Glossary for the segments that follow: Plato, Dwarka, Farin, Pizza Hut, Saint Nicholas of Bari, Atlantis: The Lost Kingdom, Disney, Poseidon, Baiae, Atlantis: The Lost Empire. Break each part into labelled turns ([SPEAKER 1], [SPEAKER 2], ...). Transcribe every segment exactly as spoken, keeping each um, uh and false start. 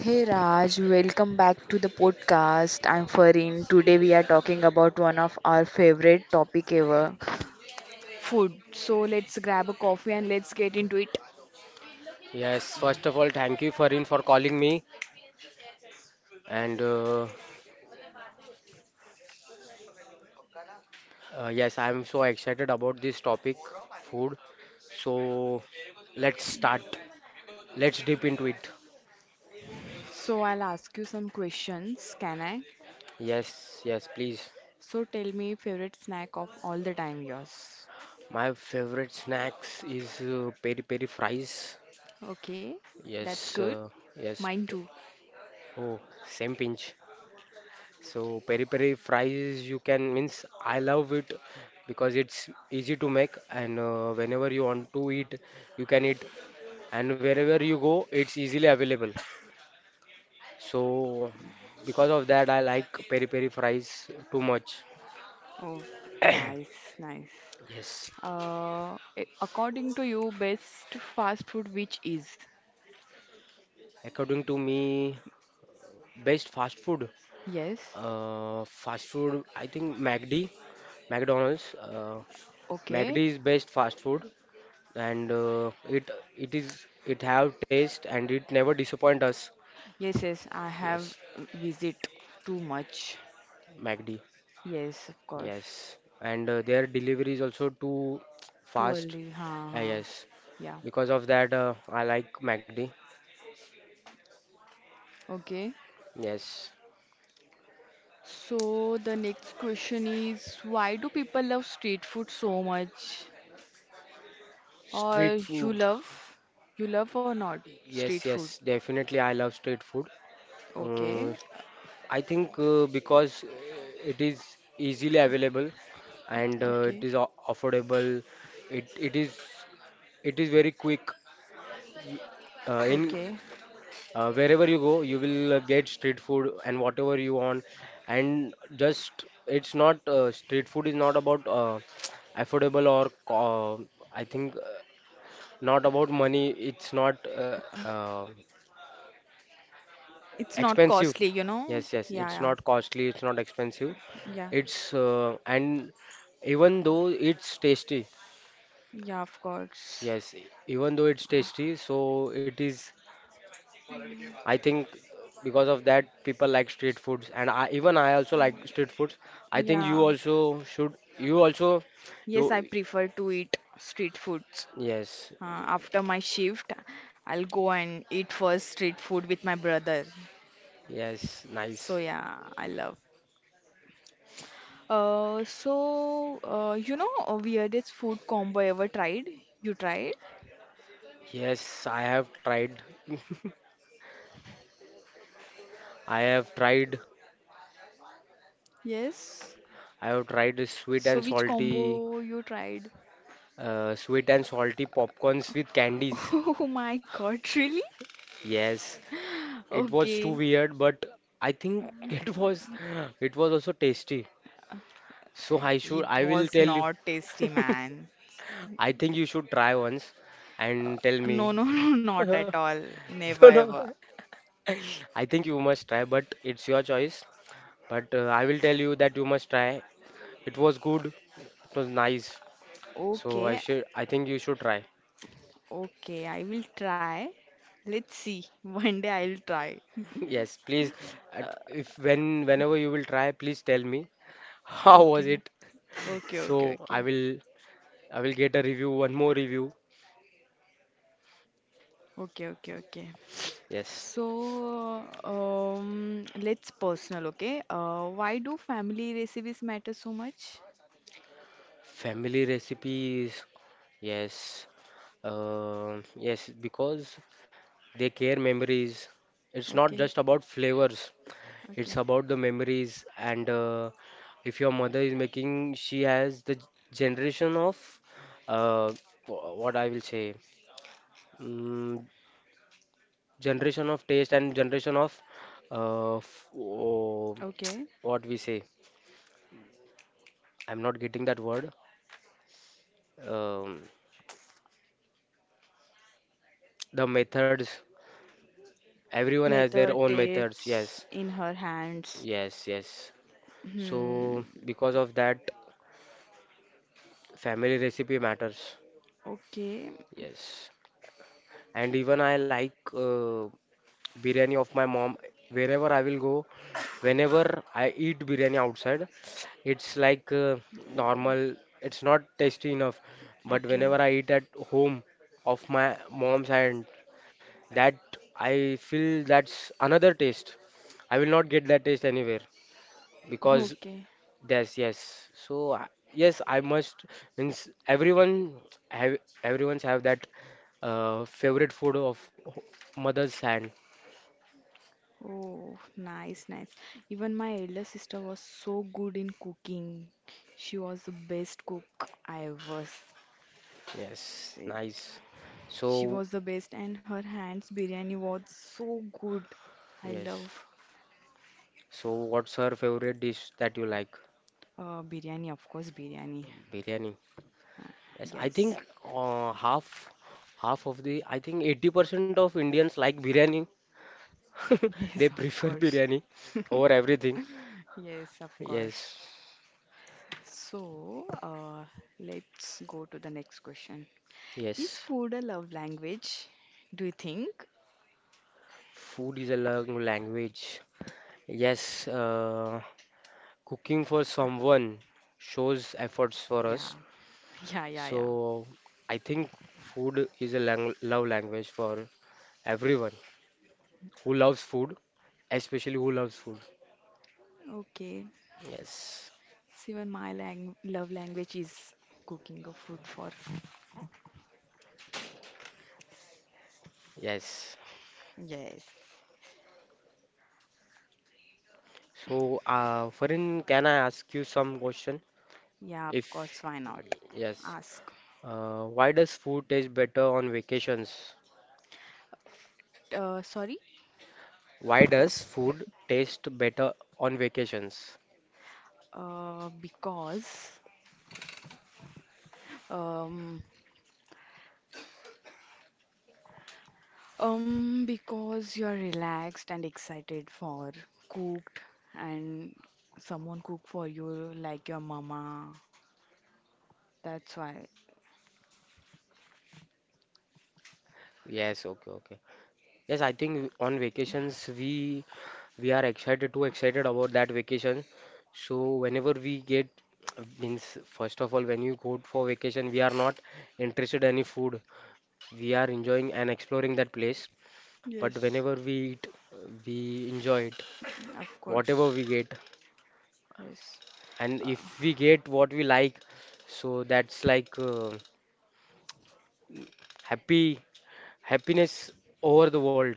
[SPEAKER 1] Hey Raj, welcome back to the podcast. I'm Farin. Today we are talking about one of our favorite topic ever, food. So let's grab a coffee and let's get into it.
[SPEAKER 2] Yes, first of all, thank you, Farin, for calling me. And uh, uh, Yes, I'm so excited about this topic, food. So let's start. Let's dip into it.
[SPEAKER 1] So I'll ask you some questions, can I?
[SPEAKER 2] Yes, yes, please.
[SPEAKER 1] So tell me favorite snack of all the time yours.
[SPEAKER 2] My favorite snacks is uh, peri peri fries.
[SPEAKER 1] Okay, that's
[SPEAKER 2] Yes,
[SPEAKER 1] good.
[SPEAKER 2] uh, yes.
[SPEAKER 1] Mine
[SPEAKER 2] p-
[SPEAKER 1] too.
[SPEAKER 2] Oh, same pinch. So peri peri fries, you can means I love it because it's easy to make and uh, whenever you want to eat, you can eat, and wherever you go it's easily available, so because of that I like peri peri fries too much.
[SPEAKER 1] Oh, nice, nice.
[SPEAKER 2] Yes,
[SPEAKER 1] Uh, a- according to you, best fast food which is?
[SPEAKER 2] according to me, best fast food.
[SPEAKER 1] Yes.
[SPEAKER 2] uh, fast food, I think macd, mcdonald's uh, Macd
[SPEAKER 1] Okay.
[SPEAKER 2] is best fast food, and uh, it it is it have taste and it never disappoint us.
[SPEAKER 1] Yes, yes, I have
[SPEAKER 2] Yes,
[SPEAKER 1] visit too much.
[SPEAKER 2] macd.
[SPEAKER 1] Yes, of course.
[SPEAKER 2] Yes, and uh, their delivery is also too
[SPEAKER 1] Too
[SPEAKER 2] fast.
[SPEAKER 1] early. Ha
[SPEAKER 2] Uh,
[SPEAKER 1] ha.
[SPEAKER 2] yes,
[SPEAKER 1] Yeah.
[SPEAKER 2] because of that, uh, I like McD.
[SPEAKER 1] Okay.
[SPEAKER 2] Yes,
[SPEAKER 1] So the next question is why do people love street food so much? Or
[SPEAKER 2] street
[SPEAKER 1] you
[SPEAKER 2] food.
[SPEAKER 1] love? You love or not street
[SPEAKER 2] Yes,
[SPEAKER 1] food?
[SPEAKER 2] yes, definitely, I love street food.
[SPEAKER 1] Okay.
[SPEAKER 2] Uh, I think uh, because uh, it is easily available, and uh, it
[SPEAKER 1] Okay.
[SPEAKER 2] is o- affordable. It it is it is very quick uh, in
[SPEAKER 1] Okay.
[SPEAKER 2] Uh, wherever you go, you will uh, get street food and whatever you want. And just it's not uh, street food is not about uh, affordable or co- uh, I think uh, not about money. It's not uh, uh,
[SPEAKER 1] It's not
[SPEAKER 2] expensive.
[SPEAKER 1] costly, you know?
[SPEAKER 2] Yes, yes,
[SPEAKER 1] Yeah,
[SPEAKER 2] it's
[SPEAKER 1] yeah.
[SPEAKER 2] not costly. It's not expensive.
[SPEAKER 1] Yeah.
[SPEAKER 2] It's uh, and even though it's tasty.
[SPEAKER 1] Yeah, of course.
[SPEAKER 2] Yes, even though it's tasty, so it is. I think because of that, people like street foods, and I, even I also like street foods. I think you
[SPEAKER 1] Yeah.
[SPEAKER 2] also should. You also,
[SPEAKER 1] Yes,
[SPEAKER 2] you,
[SPEAKER 1] I prefer to eat street foods.
[SPEAKER 2] yes,
[SPEAKER 1] Uh, after my shift, I'll go and eat first street food with my brother.
[SPEAKER 2] yes,
[SPEAKER 1] So
[SPEAKER 2] nice.
[SPEAKER 1] yeah, I love. Uh, so uh, you know, uh, weirdest food combo ever tried? You tried?
[SPEAKER 2] Yes, I have tried. I have tried.
[SPEAKER 1] Yes.
[SPEAKER 2] I have tried the sweet
[SPEAKER 1] So
[SPEAKER 2] and
[SPEAKER 1] which
[SPEAKER 2] salty,
[SPEAKER 1] combo you tried?
[SPEAKER 2] uh, sweet and salty popcorns with candies.
[SPEAKER 1] Oh my God, really?
[SPEAKER 2] Yes, it was too
[SPEAKER 1] Okay.
[SPEAKER 2] weird, but I think it was, it was also tasty. So I
[SPEAKER 1] It
[SPEAKER 2] should. I will
[SPEAKER 1] was
[SPEAKER 2] tell you.
[SPEAKER 1] not tasty, man.
[SPEAKER 2] I think you should try once
[SPEAKER 1] Uh,
[SPEAKER 2] and tell
[SPEAKER 1] no,
[SPEAKER 2] me.
[SPEAKER 1] no, no, not at all. Never
[SPEAKER 2] No, no.
[SPEAKER 1] ever.
[SPEAKER 2] I think you must try, but it's your choice. But uh, I will tell you that you must try. It was good. It was nice. So I
[SPEAKER 1] Okay,
[SPEAKER 2] should. I think you should try.
[SPEAKER 1] okay, I will try. Let's see. One day I will try.
[SPEAKER 2] Yes, please.
[SPEAKER 1] Uh,
[SPEAKER 2] at- If when whenever you will try, please tell me how was
[SPEAKER 1] okay,
[SPEAKER 2] it.
[SPEAKER 1] okay,
[SPEAKER 2] So
[SPEAKER 1] okay, okay,
[SPEAKER 2] I will. I will get a review. One more review.
[SPEAKER 1] okay, okay, okay.
[SPEAKER 2] Yes.
[SPEAKER 1] So, um, let's personal, okay? Uh, why do family recipes matter so much?
[SPEAKER 2] Family recipes. Yes. Um yes, because they care memories. It's not
[SPEAKER 1] Okay,
[SPEAKER 2] just about flavors,
[SPEAKER 1] okay,
[SPEAKER 2] it's about the memories. And uh, if your mother is making, she has the generation of uh, wh- what I will say, mm, generation of taste and generation of uh, f- oh,
[SPEAKER 1] okay.
[SPEAKER 2] what we say. I'm not getting that word. Um, the methods. Everyone has their
[SPEAKER 1] Method
[SPEAKER 2] own methods.
[SPEAKER 1] takes
[SPEAKER 2] Yes,
[SPEAKER 1] in her hands.
[SPEAKER 2] yes, yes.
[SPEAKER 1] Hmm.
[SPEAKER 2] So because of that, family recipe matters.
[SPEAKER 1] Okay,
[SPEAKER 2] Yes, and even I like uh, biryani of my mom. Wherever I will go, whenever I eat biryani outside, it's like uh, normal. It's not tasty enough. But
[SPEAKER 1] okay,
[SPEAKER 2] whenever I eat at home of my mom's hand, that I feel that's another taste. I will not get that taste anywhere because
[SPEAKER 1] okay.
[SPEAKER 2] yes, yes. So I- yes, I must. Means everyone have everyone's have that uh, favorite food of h- mother's hand.
[SPEAKER 1] Oh, nice, nice. Even my elder sister was so good in cooking. She was the best cook I ever s-
[SPEAKER 2] Yes, nice.
[SPEAKER 1] She
[SPEAKER 2] So,
[SPEAKER 1] was the best, and her hands biryani was so good. I
[SPEAKER 2] yes.
[SPEAKER 1] love
[SPEAKER 2] So, what's her favorite dish that you like?
[SPEAKER 1] uh, biryani, of course, biryani.
[SPEAKER 2] Biryani. Yes, I
[SPEAKER 1] Yes,
[SPEAKER 2] think uh, half half of the I think eighty percent of Indians like biryani.
[SPEAKER 1] yes,
[SPEAKER 2] They
[SPEAKER 1] of
[SPEAKER 2] prefer
[SPEAKER 1] course.
[SPEAKER 2] biryani over everything.
[SPEAKER 1] Yes, of
[SPEAKER 2] Yes,
[SPEAKER 1] course. So, uh, let's go to the next question. Is
[SPEAKER 2] yes.
[SPEAKER 1] food a love language? Do you think?
[SPEAKER 2] Food is a lang- language. Yes, uh, cooking for someone shows efforts for
[SPEAKER 1] Yeah,
[SPEAKER 2] us.
[SPEAKER 1] yeah, yeah, yeah.
[SPEAKER 2] So I think food is a lang love language for everyone who loves food, especially who loves food.
[SPEAKER 1] Okay.
[SPEAKER 2] Yes,
[SPEAKER 1] Even my lang love language is cooking a food for.
[SPEAKER 2] yes.
[SPEAKER 1] Yes.
[SPEAKER 2] So, uh, Farin, can I ask you some question?
[SPEAKER 1] Yeah, of
[SPEAKER 2] If
[SPEAKER 1] course, why not?
[SPEAKER 2] yes,
[SPEAKER 1] Ask.
[SPEAKER 2] uh, why does food taste better on vacations?
[SPEAKER 1] Uh, sorry?
[SPEAKER 2] Why does food taste better on vacations?
[SPEAKER 1] Uh, because, um, um, because you're relaxed and excited for cooked and someone cook for you like your mama. That's why,
[SPEAKER 2] Yes, okay, okay. Yes, I think on vacations we we are excited too excited about that vacation. So whenever we get means first of all when you go for vacation we are not interested any food. We are enjoying and exploring that place. But
[SPEAKER 1] yes,
[SPEAKER 2] whenever we eat we enjoy it
[SPEAKER 1] of course,
[SPEAKER 2] whatever we get,
[SPEAKER 1] yes.
[SPEAKER 2] and
[SPEAKER 1] Uh,
[SPEAKER 2] if we get what we like, so that's like uh, happy happiness over the world,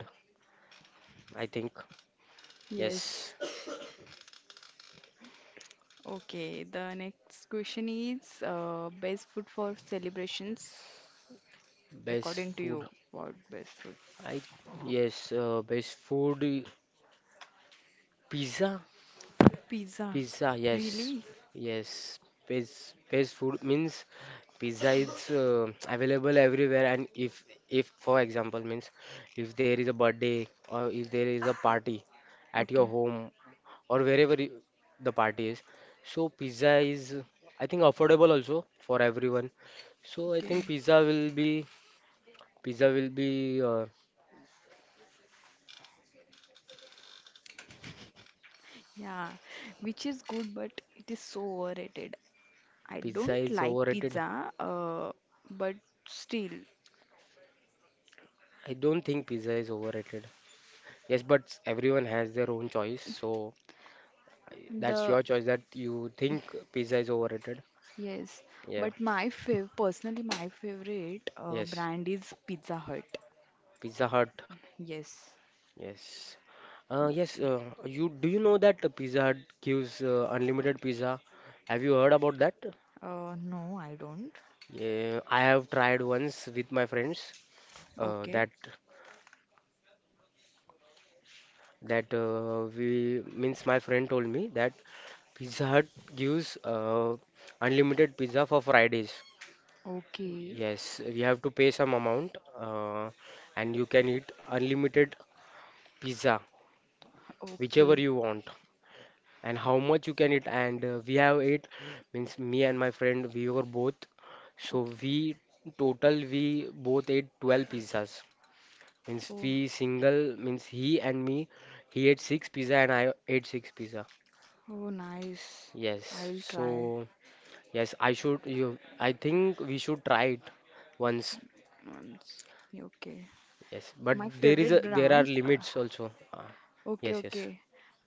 [SPEAKER 2] I think.
[SPEAKER 1] yes.
[SPEAKER 2] Yes.
[SPEAKER 1] Okay, the next question is uh, best food for celebrations,
[SPEAKER 2] Best
[SPEAKER 1] according to
[SPEAKER 2] food.
[SPEAKER 1] you, what best food?
[SPEAKER 2] I yes, uh, best food i- pizza.
[SPEAKER 1] Pizza.
[SPEAKER 2] Pizza, yes,
[SPEAKER 1] Really?
[SPEAKER 2] yes. Best best food means pizza is uh, available everywhere. And if if for example means if there is a birthday or if there is a party at your
[SPEAKER 1] Okay,
[SPEAKER 2] home or wherever y- the party is, so pizza is I think affordable also for everyone. So I
[SPEAKER 1] okay.
[SPEAKER 2] think pizza will be pizza will be uh,
[SPEAKER 1] Yeah, which is good, but it is so overrated. I
[SPEAKER 2] pizza
[SPEAKER 1] don't
[SPEAKER 2] is
[SPEAKER 1] like
[SPEAKER 2] overrated.
[SPEAKER 1] pizza, uh, but still,
[SPEAKER 2] I don't think pizza is overrated. Yes, but everyone has their own choice, so I- that's
[SPEAKER 1] the
[SPEAKER 2] your choice that you think pizza is overrated.
[SPEAKER 1] yes.
[SPEAKER 2] Yeah,
[SPEAKER 1] But my fav personally, my favorite uh,
[SPEAKER 2] yes.
[SPEAKER 1] brand is Pizza Hut.
[SPEAKER 2] Pizza Hut.
[SPEAKER 1] Yes.
[SPEAKER 2] Yes. Uh, yes, uh, you do you know that Pizza Hut gives uh, unlimited pizza? Have you heard about that?
[SPEAKER 1] Uh, no, I don't.
[SPEAKER 2] Yeah, I have tried once with my friends. Uh,
[SPEAKER 1] Okay.
[SPEAKER 2] that that uh, we means my friend told me that Pizza Hut gives uh, unlimited pizza for Fridays.
[SPEAKER 1] Okay.
[SPEAKER 2] Yes, we have to pay some amount, uh, and you can eat unlimited pizza, whichever
[SPEAKER 1] Okay.
[SPEAKER 2] you want, and how much you can eat. And uh, we have ate, means me and my friend, we were both. So
[SPEAKER 1] Okay.
[SPEAKER 2] we total we both ate twelve pizzas. Means
[SPEAKER 1] Oh.
[SPEAKER 2] we single, means he and me, he ate six pizza and I ate six pizza.
[SPEAKER 1] Oh, nice.
[SPEAKER 2] Yes.
[SPEAKER 1] I'll try
[SPEAKER 2] So yes, I should you. I think we should try it once.
[SPEAKER 1] once. Okay.
[SPEAKER 2] Yes,
[SPEAKER 1] My
[SPEAKER 2] but there is
[SPEAKER 1] favorite
[SPEAKER 2] a there
[SPEAKER 1] brand.
[SPEAKER 2] are
[SPEAKER 1] uh,
[SPEAKER 2] limits also. Uh,
[SPEAKER 1] Okay,
[SPEAKER 2] Yes, yes,
[SPEAKER 1] okay.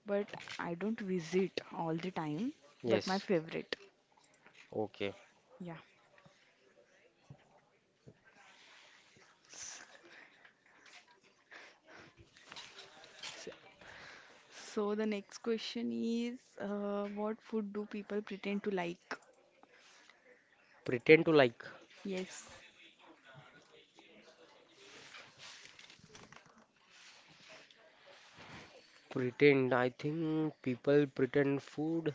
[SPEAKER 1] But I don't visit all the time, but my
[SPEAKER 2] yes.
[SPEAKER 1] favorite.
[SPEAKER 2] Okay.
[SPEAKER 1] Yeah. S-
[SPEAKER 2] S-
[SPEAKER 1] So the next question is uh, what food do people pretend to like?
[SPEAKER 2] Pretend to like.
[SPEAKER 1] Yes,
[SPEAKER 2] Pretend. I think people pretend food.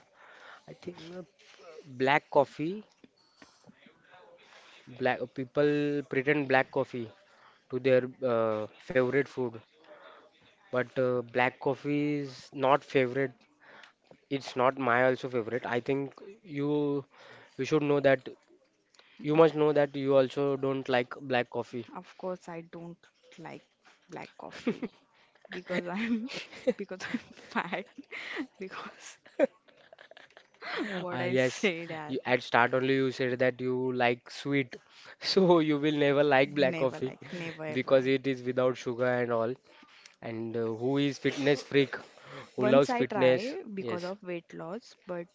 [SPEAKER 2] I think uh, black coffee. Black uh, people pretend black coffee to their uh, favorite food, but uh, black coffee is not favorite. It's not my also favorite. I think you you should know that. You must know that you also don't like black coffee.
[SPEAKER 1] of course I don't like black coffee because I'm because I'm fat because what
[SPEAKER 2] Uh,
[SPEAKER 1] I
[SPEAKER 2] yes,
[SPEAKER 1] said I
[SPEAKER 2] you, at start only you said that you like sweet, so you will never like black
[SPEAKER 1] never
[SPEAKER 2] coffee
[SPEAKER 1] like never ever.
[SPEAKER 2] because it is without sugar and all. And uh, who is fitness freak, who
[SPEAKER 1] Once
[SPEAKER 2] loves
[SPEAKER 1] I try
[SPEAKER 2] fitness?
[SPEAKER 1] because
[SPEAKER 2] Yes,
[SPEAKER 1] of weight loss, but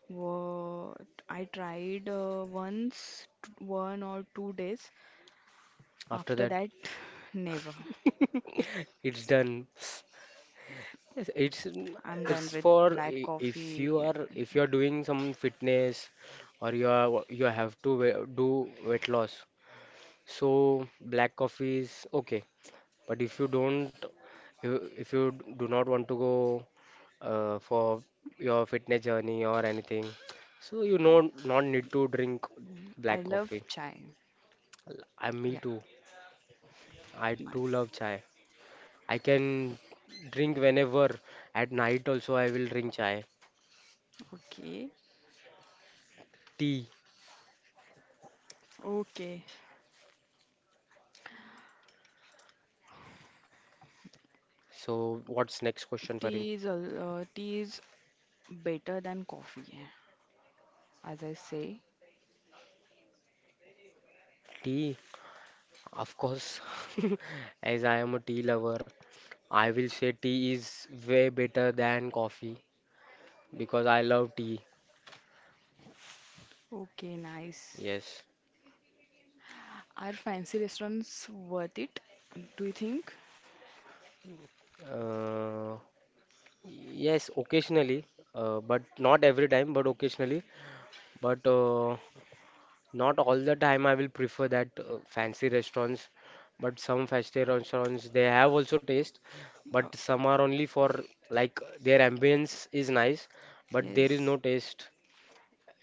[SPEAKER 1] wo- I tried uh, once, t- one or two days.
[SPEAKER 2] after
[SPEAKER 1] After
[SPEAKER 2] that
[SPEAKER 1] that, never.
[SPEAKER 2] it's done. Yes, it's mm,
[SPEAKER 1] I'm done
[SPEAKER 2] It's
[SPEAKER 1] with
[SPEAKER 2] for
[SPEAKER 1] black
[SPEAKER 2] i- if you
[SPEAKER 1] coffee.
[SPEAKER 2] are if you are doing some fitness or you are you have to we- do weight loss, so black coffee is okay. But if you don't, if if you do not want to go uh, for your fitness journey or anything, so you know not need to drink
[SPEAKER 1] I
[SPEAKER 2] black
[SPEAKER 1] love
[SPEAKER 2] coffee.
[SPEAKER 1] chai.
[SPEAKER 2] I me
[SPEAKER 1] Yeah,
[SPEAKER 2] too. I too
[SPEAKER 1] nice.
[SPEAKER 2] love chai. I can drink whenever. At night also I will drink chai.
[SPEAKER 1] Okay,
[SPEAKER 2] Tea.
[SPEAKER 1] okay.
[SPEAKER 2] So what's next question, Farin?
[SPEAKER 1] Tea is al- uh, tea is better than coffee, as I say.
[SPEAKER 2] Tea, of course. As I am a tea lover, I will say tea is way better than coffee because I love tea.
[SPEAKER 1] Okay, nice.
[SPEAKER 2] Yes.
[SPEAKER 1] Are fancy restaurants worth it? Do you think?
[SPEAKER 2] Uh, yes, occasionally, uh, but not every time, but occasionally. But uh, not all the time I will prefer that uh, fancy restaurants. But some fancy restaurants, they have also taste, but some are only for like their ambience is nice, but there
[SPEAKER 1] Yes.
[SPEAKER 2] is no taste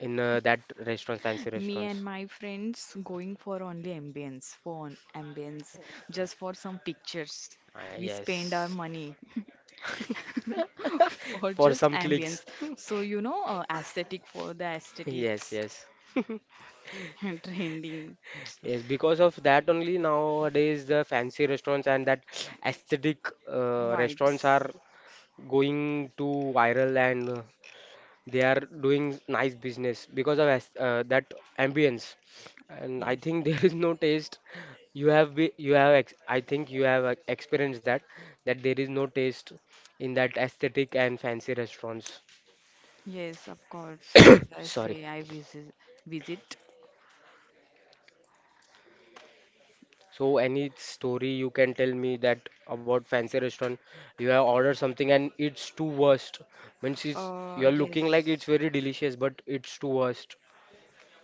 [SPEAKER 2] in uh, that restaurant, fancy
[SPEAKER 1] Me and
[SPEAKER 2] restaurants.
[SPEAKER 1] my friends going for only ambience, phone ambience, just for some pictures.
[SPEAKER 2] Ah
[SPEAKER 1] We spend our
[SPEAKER 2] yes,
[SPEAKER 1] money for For
[SPEAKER 2] for
[SPEAKER 1] just Okay,
[SPEAKER 2] some
[SPEAKER 1] ambience.
[SPEAKER 2] clicks.
[SPEAKER 1] So, you know, uh, aesthetic for the
[SPEAKER 2] Yes,
[SPEAKER 1] aesthetics
[SPEAKER 2] yes.
[SPEAKER 1] and trending
[SPEAKER 2] Yes, because of that only nowadays the fancy restaurants and that aesthetic
[SPEAKER 1] vibes.
[SPEAKER 2] uh, restaurants
[SPEAKER 1] Restaurants
[SPEAKER 2] are going to viral and uh, they are doing nice business because of aes- uh, that ambience.
[SPEAKER 1] Cool, but
[SPEAKER 2] And I
[SPEAKER 1] yes.
[SPEAKER 2] think there is no taste. You have be, you have ex I think you have uh, experienced that that there is no taste in that aesthetic and fancy restaurants.
[SPEAKER 1] Yes, of course. As I say,
[SPEAKER 2] Sorry.
[SPEAKER 1] I visit visit
[SPEAKER 2] So any story you can tell me that about fancy restaurant, you have ordered something and it's too worst. Means it's
[SPEAKER 1] uh,
[SPEAKER 2] you're
[SPEAKER 1] yes.
[SPEAKER 2] looking like it's very delicious, but it's too worst.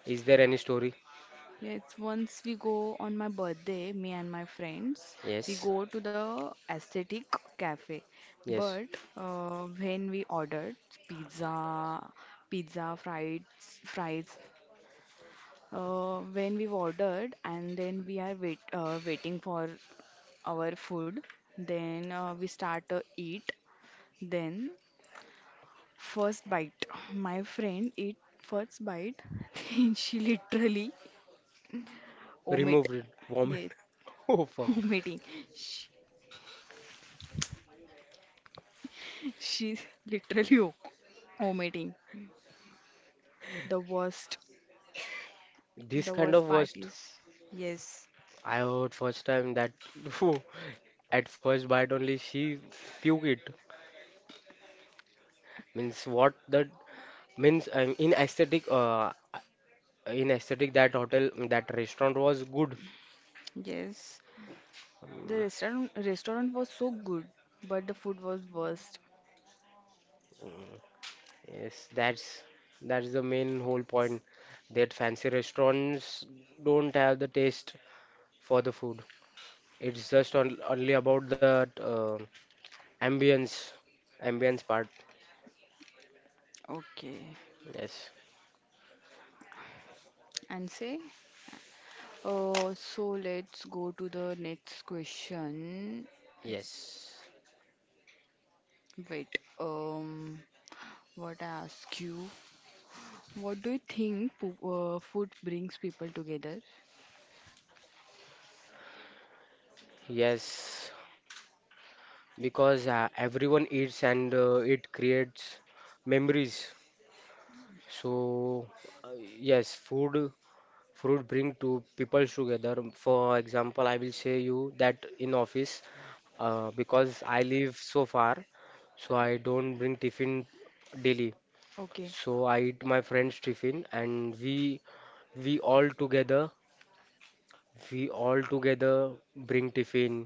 [SPEAKER 2] Is there any story?
[SPEAKER 1] Yes, once we go on my birthday, me and my friends, we
[SPEAKER 2] Yes.
[SPEAKER 1] go to the aesthetic cafe.
[SPEAKER 2] Yes.
[SPEAKER 1] But uh, when we ordered pizza, pizza, fries, fries, uh, when we ordered and then we are wait, uh, waiting for our food, then uh, we start to eat. Then first bite, my friend eat first bite, then she literally omit.
[SPEAKER 2] Remove it.
[SPEAKER 1] Yes,
[SPEAKER 2] Vomit. Oh fuck.
[SPEAKER 1] omitting. She, she's literally o- omitting. The worst. The
[SPEAKER 2] This kind
[SPEAKER 1] worst
[SPEAKER 2] of
[SPEAKER 1] part
[SPEAKER 2] worst
[SPEAKER 1] is. Yes,
[SPEAKER 2] I heard first time that at first bite only she puke it. Means what that means um, in aesthetic uh in aesthetic that hotel that restaurant was good.
[SPEAKER 1] yes. The restaurant restaurant was so good, but the food was worst.
[SPEAKER 2] Yes, that's that's the main whole point that fancy restaurants don't have the taste for the food. It's just on, only about the uh, ambience, ambience part.
[SPEAKER 1] Okay.
[SPEAKER 2] Yes,
[SPEAKER 1] And say, Uh, so let's go to the next question.
[SPEAKER 2] yes.
[SPEAKER 1] Wait, um, what I ask you? What do you think po- uh, food brings people together?
[SPEAKER 2] Yes, because uh, everyone eats and uh, it creates memories. So uh, yes, food. Fruit bring two people together. For example, I will say you that in office, uh, because I live so far, so I don't bring tiffin daily.
[SPEAKER 1] Okay,
[SPEAKER 2] So I eat my friend's tiffin, and we we all together we all together bring tiffin.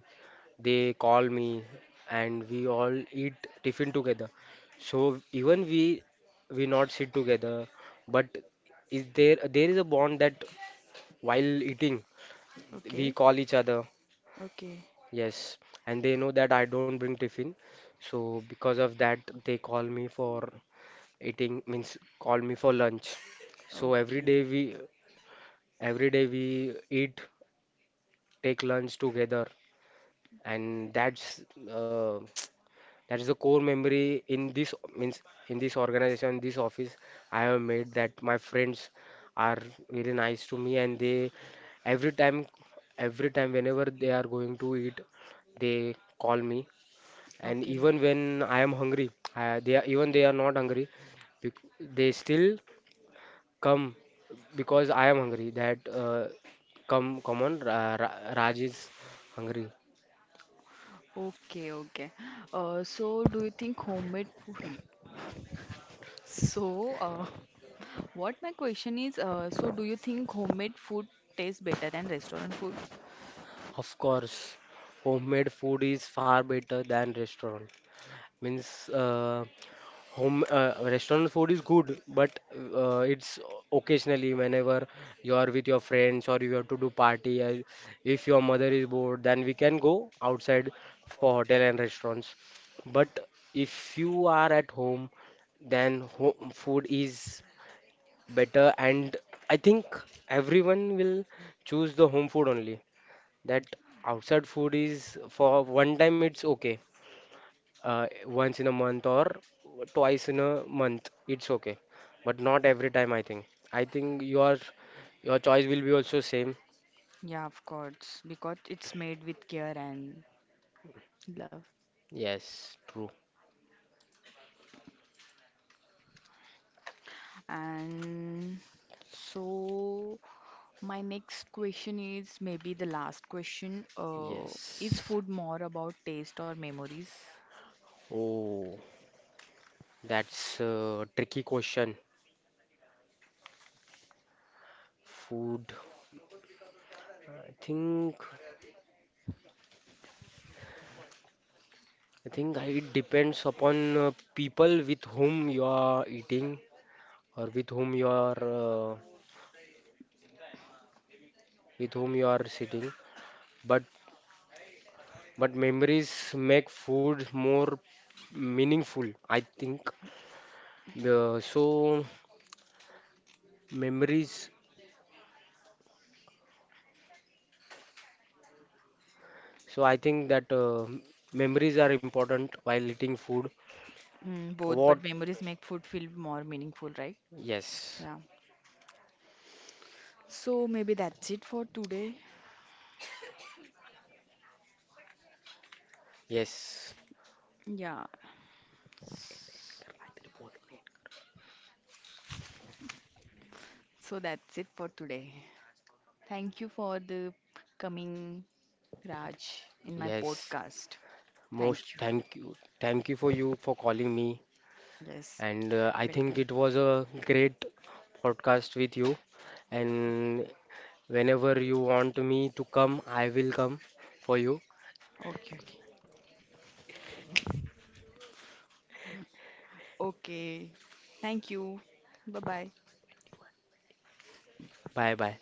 [SPEAKER 2] They call me, and we all eat tiffin together. So even we we not sit together, but is there there is a bond that while eating
[SPEAKER 1] okay,
[SPEAKER 2] we call each other,
[SPEAKER 1] okay.
[SPEAKER 2] yes, and they know that I don't bring tiffin, so because of that they call me for eating, means call me for lunch. So every
[SPEAKER 1] Okay.
[SPEAKER 2] day we every day we eat take lunch together, and that's uh, that is the core memory in this means in this organization, this office I have made that my friends are really nice to me and they every time every time whenever they are going to eat they call me, and
[SPEAKER 1] Okay.
[SPEAKER 2] even when I am hungry, uh, they are even they are not hungry, bec- they still come because I am hungry, that uh, come come on Ra- Ra- Raj is hungry.
[SPEAKER 1] Okay, okay. Uh, so do you think homemade food? So, uh, what my question is, uh, So do you think homemade food tastes better than restaurant food?
[SPEAKER 2] Of course, homemade food is far better than restaurant. Means uh, home uh, restaurant food is good, but uh, it's occasionally whenever you are with your friends or you have to do party. Uh, if your mother is bored, then we can go outside for hotel and restaurants. But if you are at home, then home food is better, and I think everyone will choose the home food only, that outside food is for one time it's okay, uh, once in a month or twice in a month it's okay, but not every time. I think I think your your choice will be also same.
[SPEAKER 1] Yeah, of course, because it's made with care and love.
[SPEAKER 2] Yes true.
[SPEAKER 1] And so, my next question is maybe the last question. Uh, is
[SPEAKER 2] Yes,
[SPEAKER 1] food more about taste or memories?
[SPEAKER 2] oh, that's a tricky question. Food, I think, I think I- it depends upon uh, people with whom you are eating or with whom you are uh, with whom you are sitting, but But memories make food more meaningful, I think. Uh, so memories. So I think that uh, memories are important while eating food.
[SPEAKER 1] Mm, both, but
[SPEAKER 2] What?
[SPEAKER 1] memories make food feel more meaningful, right?
[SPEAKER 2] Yes.
[SPEAKER 1] Yeah. So maybe that's it for today.
[SPEAKER 2] Yes.
[SPEAKER 1] Yeah. So that's it for today. Thank you for the coming, Raj, in my
[SPEAKER 2] Yes,
[SPEAKER 1] podcast. Thank you.
[SPEAKER 2] most thank you. Thank you for you for calling me.
[SPEAKER 1] Yes.
[SPEAKER 2] And uh, I
[SPEAKER 1] Welcome.
[SPEAKER 2] think it was a great podcast with you. And whenever you want me to come, I will come for you.
[SPEAKER 1] Okay, okay. Okay. Thank you. Bye bye.
[SPEAKER 2] Bye bye.